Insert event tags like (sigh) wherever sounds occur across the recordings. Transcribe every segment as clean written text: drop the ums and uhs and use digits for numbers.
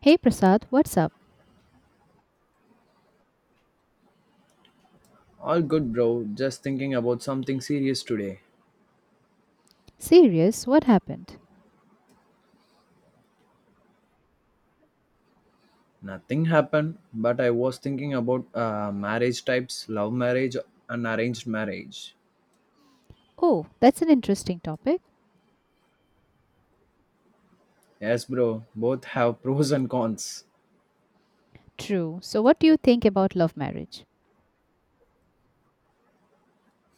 Hey Prasad, what's up? All good, bro. Just thinking about something serious today. Serious? What happened? Nothing happened, but I was thinking about marriage types, love marriage, and arranged marriage. Oh, that's an interesting topic. Yes, bro. Both have (laughs) pros and cons. True. So, what do you think about love marriage?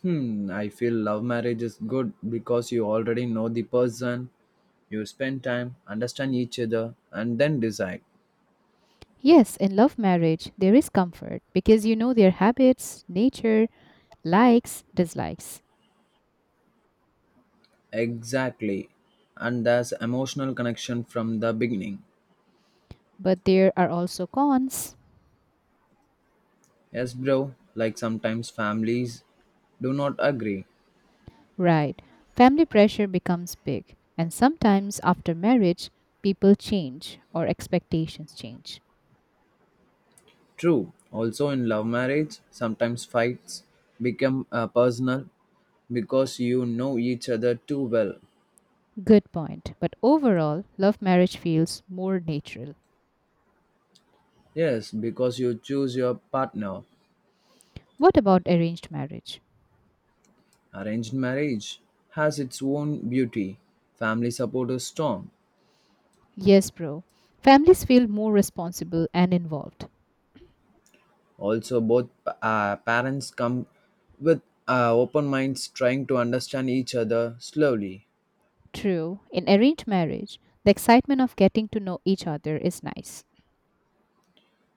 Hmm, I feel love marriage is good because you already know the person, you spend time, understand each other, and then decide. Yes, in love marriage, there is comfort because you know their habits, nature, likes, dislikes. Exactly. And there's emotional connection from the beginning. But there are also cons. Yes, bro. Like sometimes families do not agree. Right. Family pressure becomes big, and sometimes after marriage, people change or expectations change. True, also in love marriage, sometimes fights become personal because you know each other too well. Good point. But overall, love marriage feels more natural. Yes, because you choose your partner. What about arranged marriage? Arranged marriage has its own beauty. Family support is strong. Yes, bro. Families feel more responsible and involved. Also, both parents come with open minds trying to understand each other slowly. True, in arranged marriage, the excitement of getting to know each other is nice.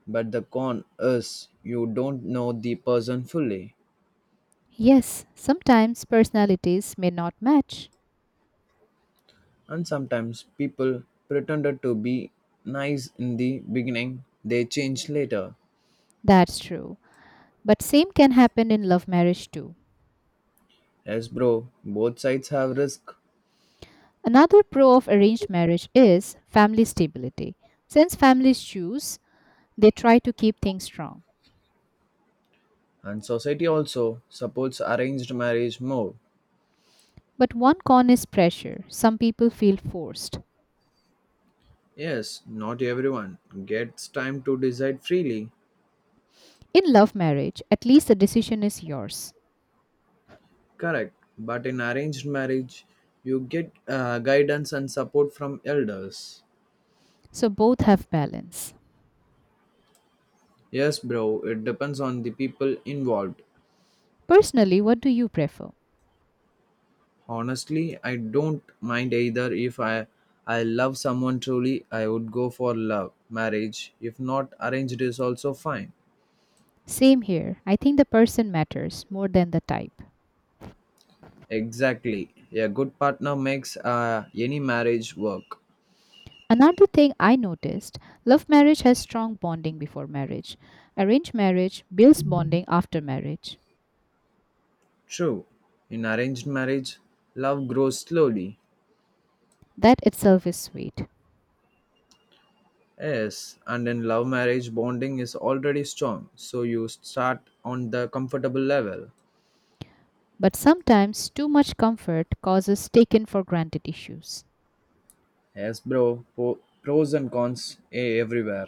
But the con is you don't know the person fully. Yes, sometimes personalities may not match. And sometimes people pretended to be nice in the beginning, they changed later. That's true. But same can happen in love marriage too. Yes, bro, both sides have risk, Another pro of arranged marriage is family stability. Since families choose, they try to keep things strong. and society also supports arranged marriage more. But one con is pressure. Some people feel forced. Yes, not everyone gets time to decide freely, In love marriage, at least the decision is yours. correct, but in arranged marriage, you get guidance and support from elders. So both have balance. Yes, bro, it depends on the people involved. Personally, what do you prefer? Honestly, I don't mind either. If I love someone truly, I would go for love marriage. If not, arranged is also fine. Same here. I think the person matters more than the type. Exactly. A good partner makes any marriage work. Another thing I noticed, love marriage has strong bonding before marriage. Arranged marriage builds bonding after marriage. True. In arranged marriage, love grows slowly. That itself is sweet. Yes, and in love marriage, bonding is already strong, so you start on the comfortable level. But sometimes too much comfort causes taken for granted issues. Yes, bro. Pros and cons everywhere.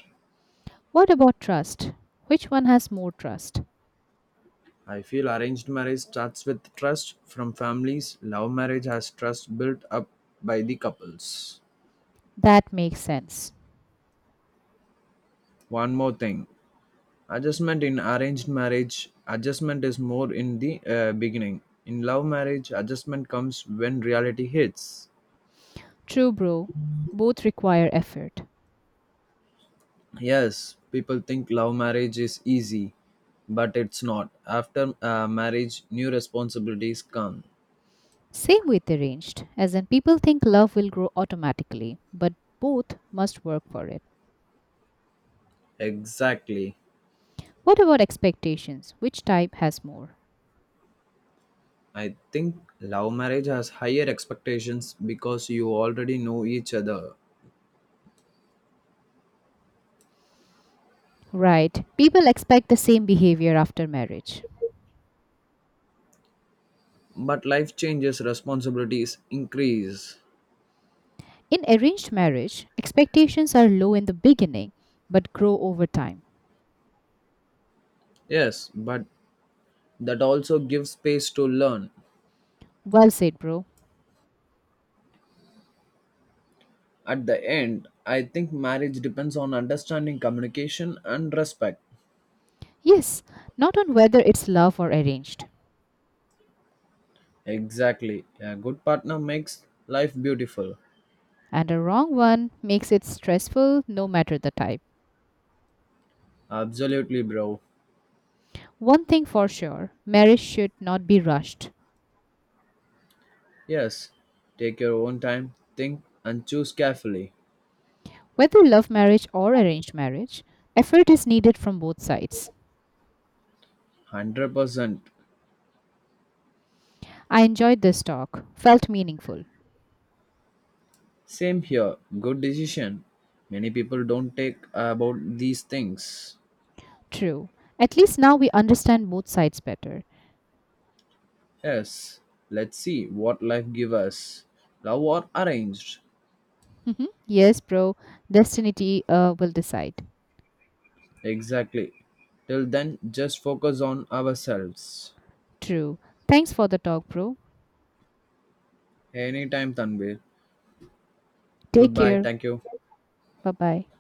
What about trust? Which one has more trust? I feel arranged marriage starts with trust from families. Love marriage has trust built up by the couples. That makes sense. One more thing, adjustment in arranged marriage, adjustment is more in the beginning. In love marriage, adjustment comes when reality hits. True, bro. Both require effort. Yes, people think love marriage is easy, but it's not. After marriage, new responsibilities come. Same with arranged, as in people think love will grow automatically, but both must work for it. Exactly. What about expectations? Which type has more? I think love marriage has higher expectations because you already know each other. Right, people expect the same behavior after marriage. But life changes, responsibilities increase. In arranged marriage, expectations are low in the beginning but grow over time. Yes, but that also gives space to learn. Well said, bro. At the end, I think marriage depends on understanding, communication, and respect. Yes, not on whether it's love or arranged. Exactly. A good partner makes life beautiful. And a wrong one makes it stressful no matter the type. Absolutely, bro. One thing for sure, marriage should not be rushed. Yes. Take your own time, think, and choose carefully. Whether love marriage or arranged marriage, effort is needed from both sides. 100%. I enjoyed this talk, felt meaningful. Same here. Good decision. Many people don't take about these things. True. At least now we understand both sides better. Yes. Let's see what life gives us. Love or arranged. Mhm. Yes, bro. Destiny will decide. Exactly. Till then, just focus on ourselves. True. Thanks for the talk, bro. Anytime, Tanvir. Take Goodbye. care. Thank you. Bye bye.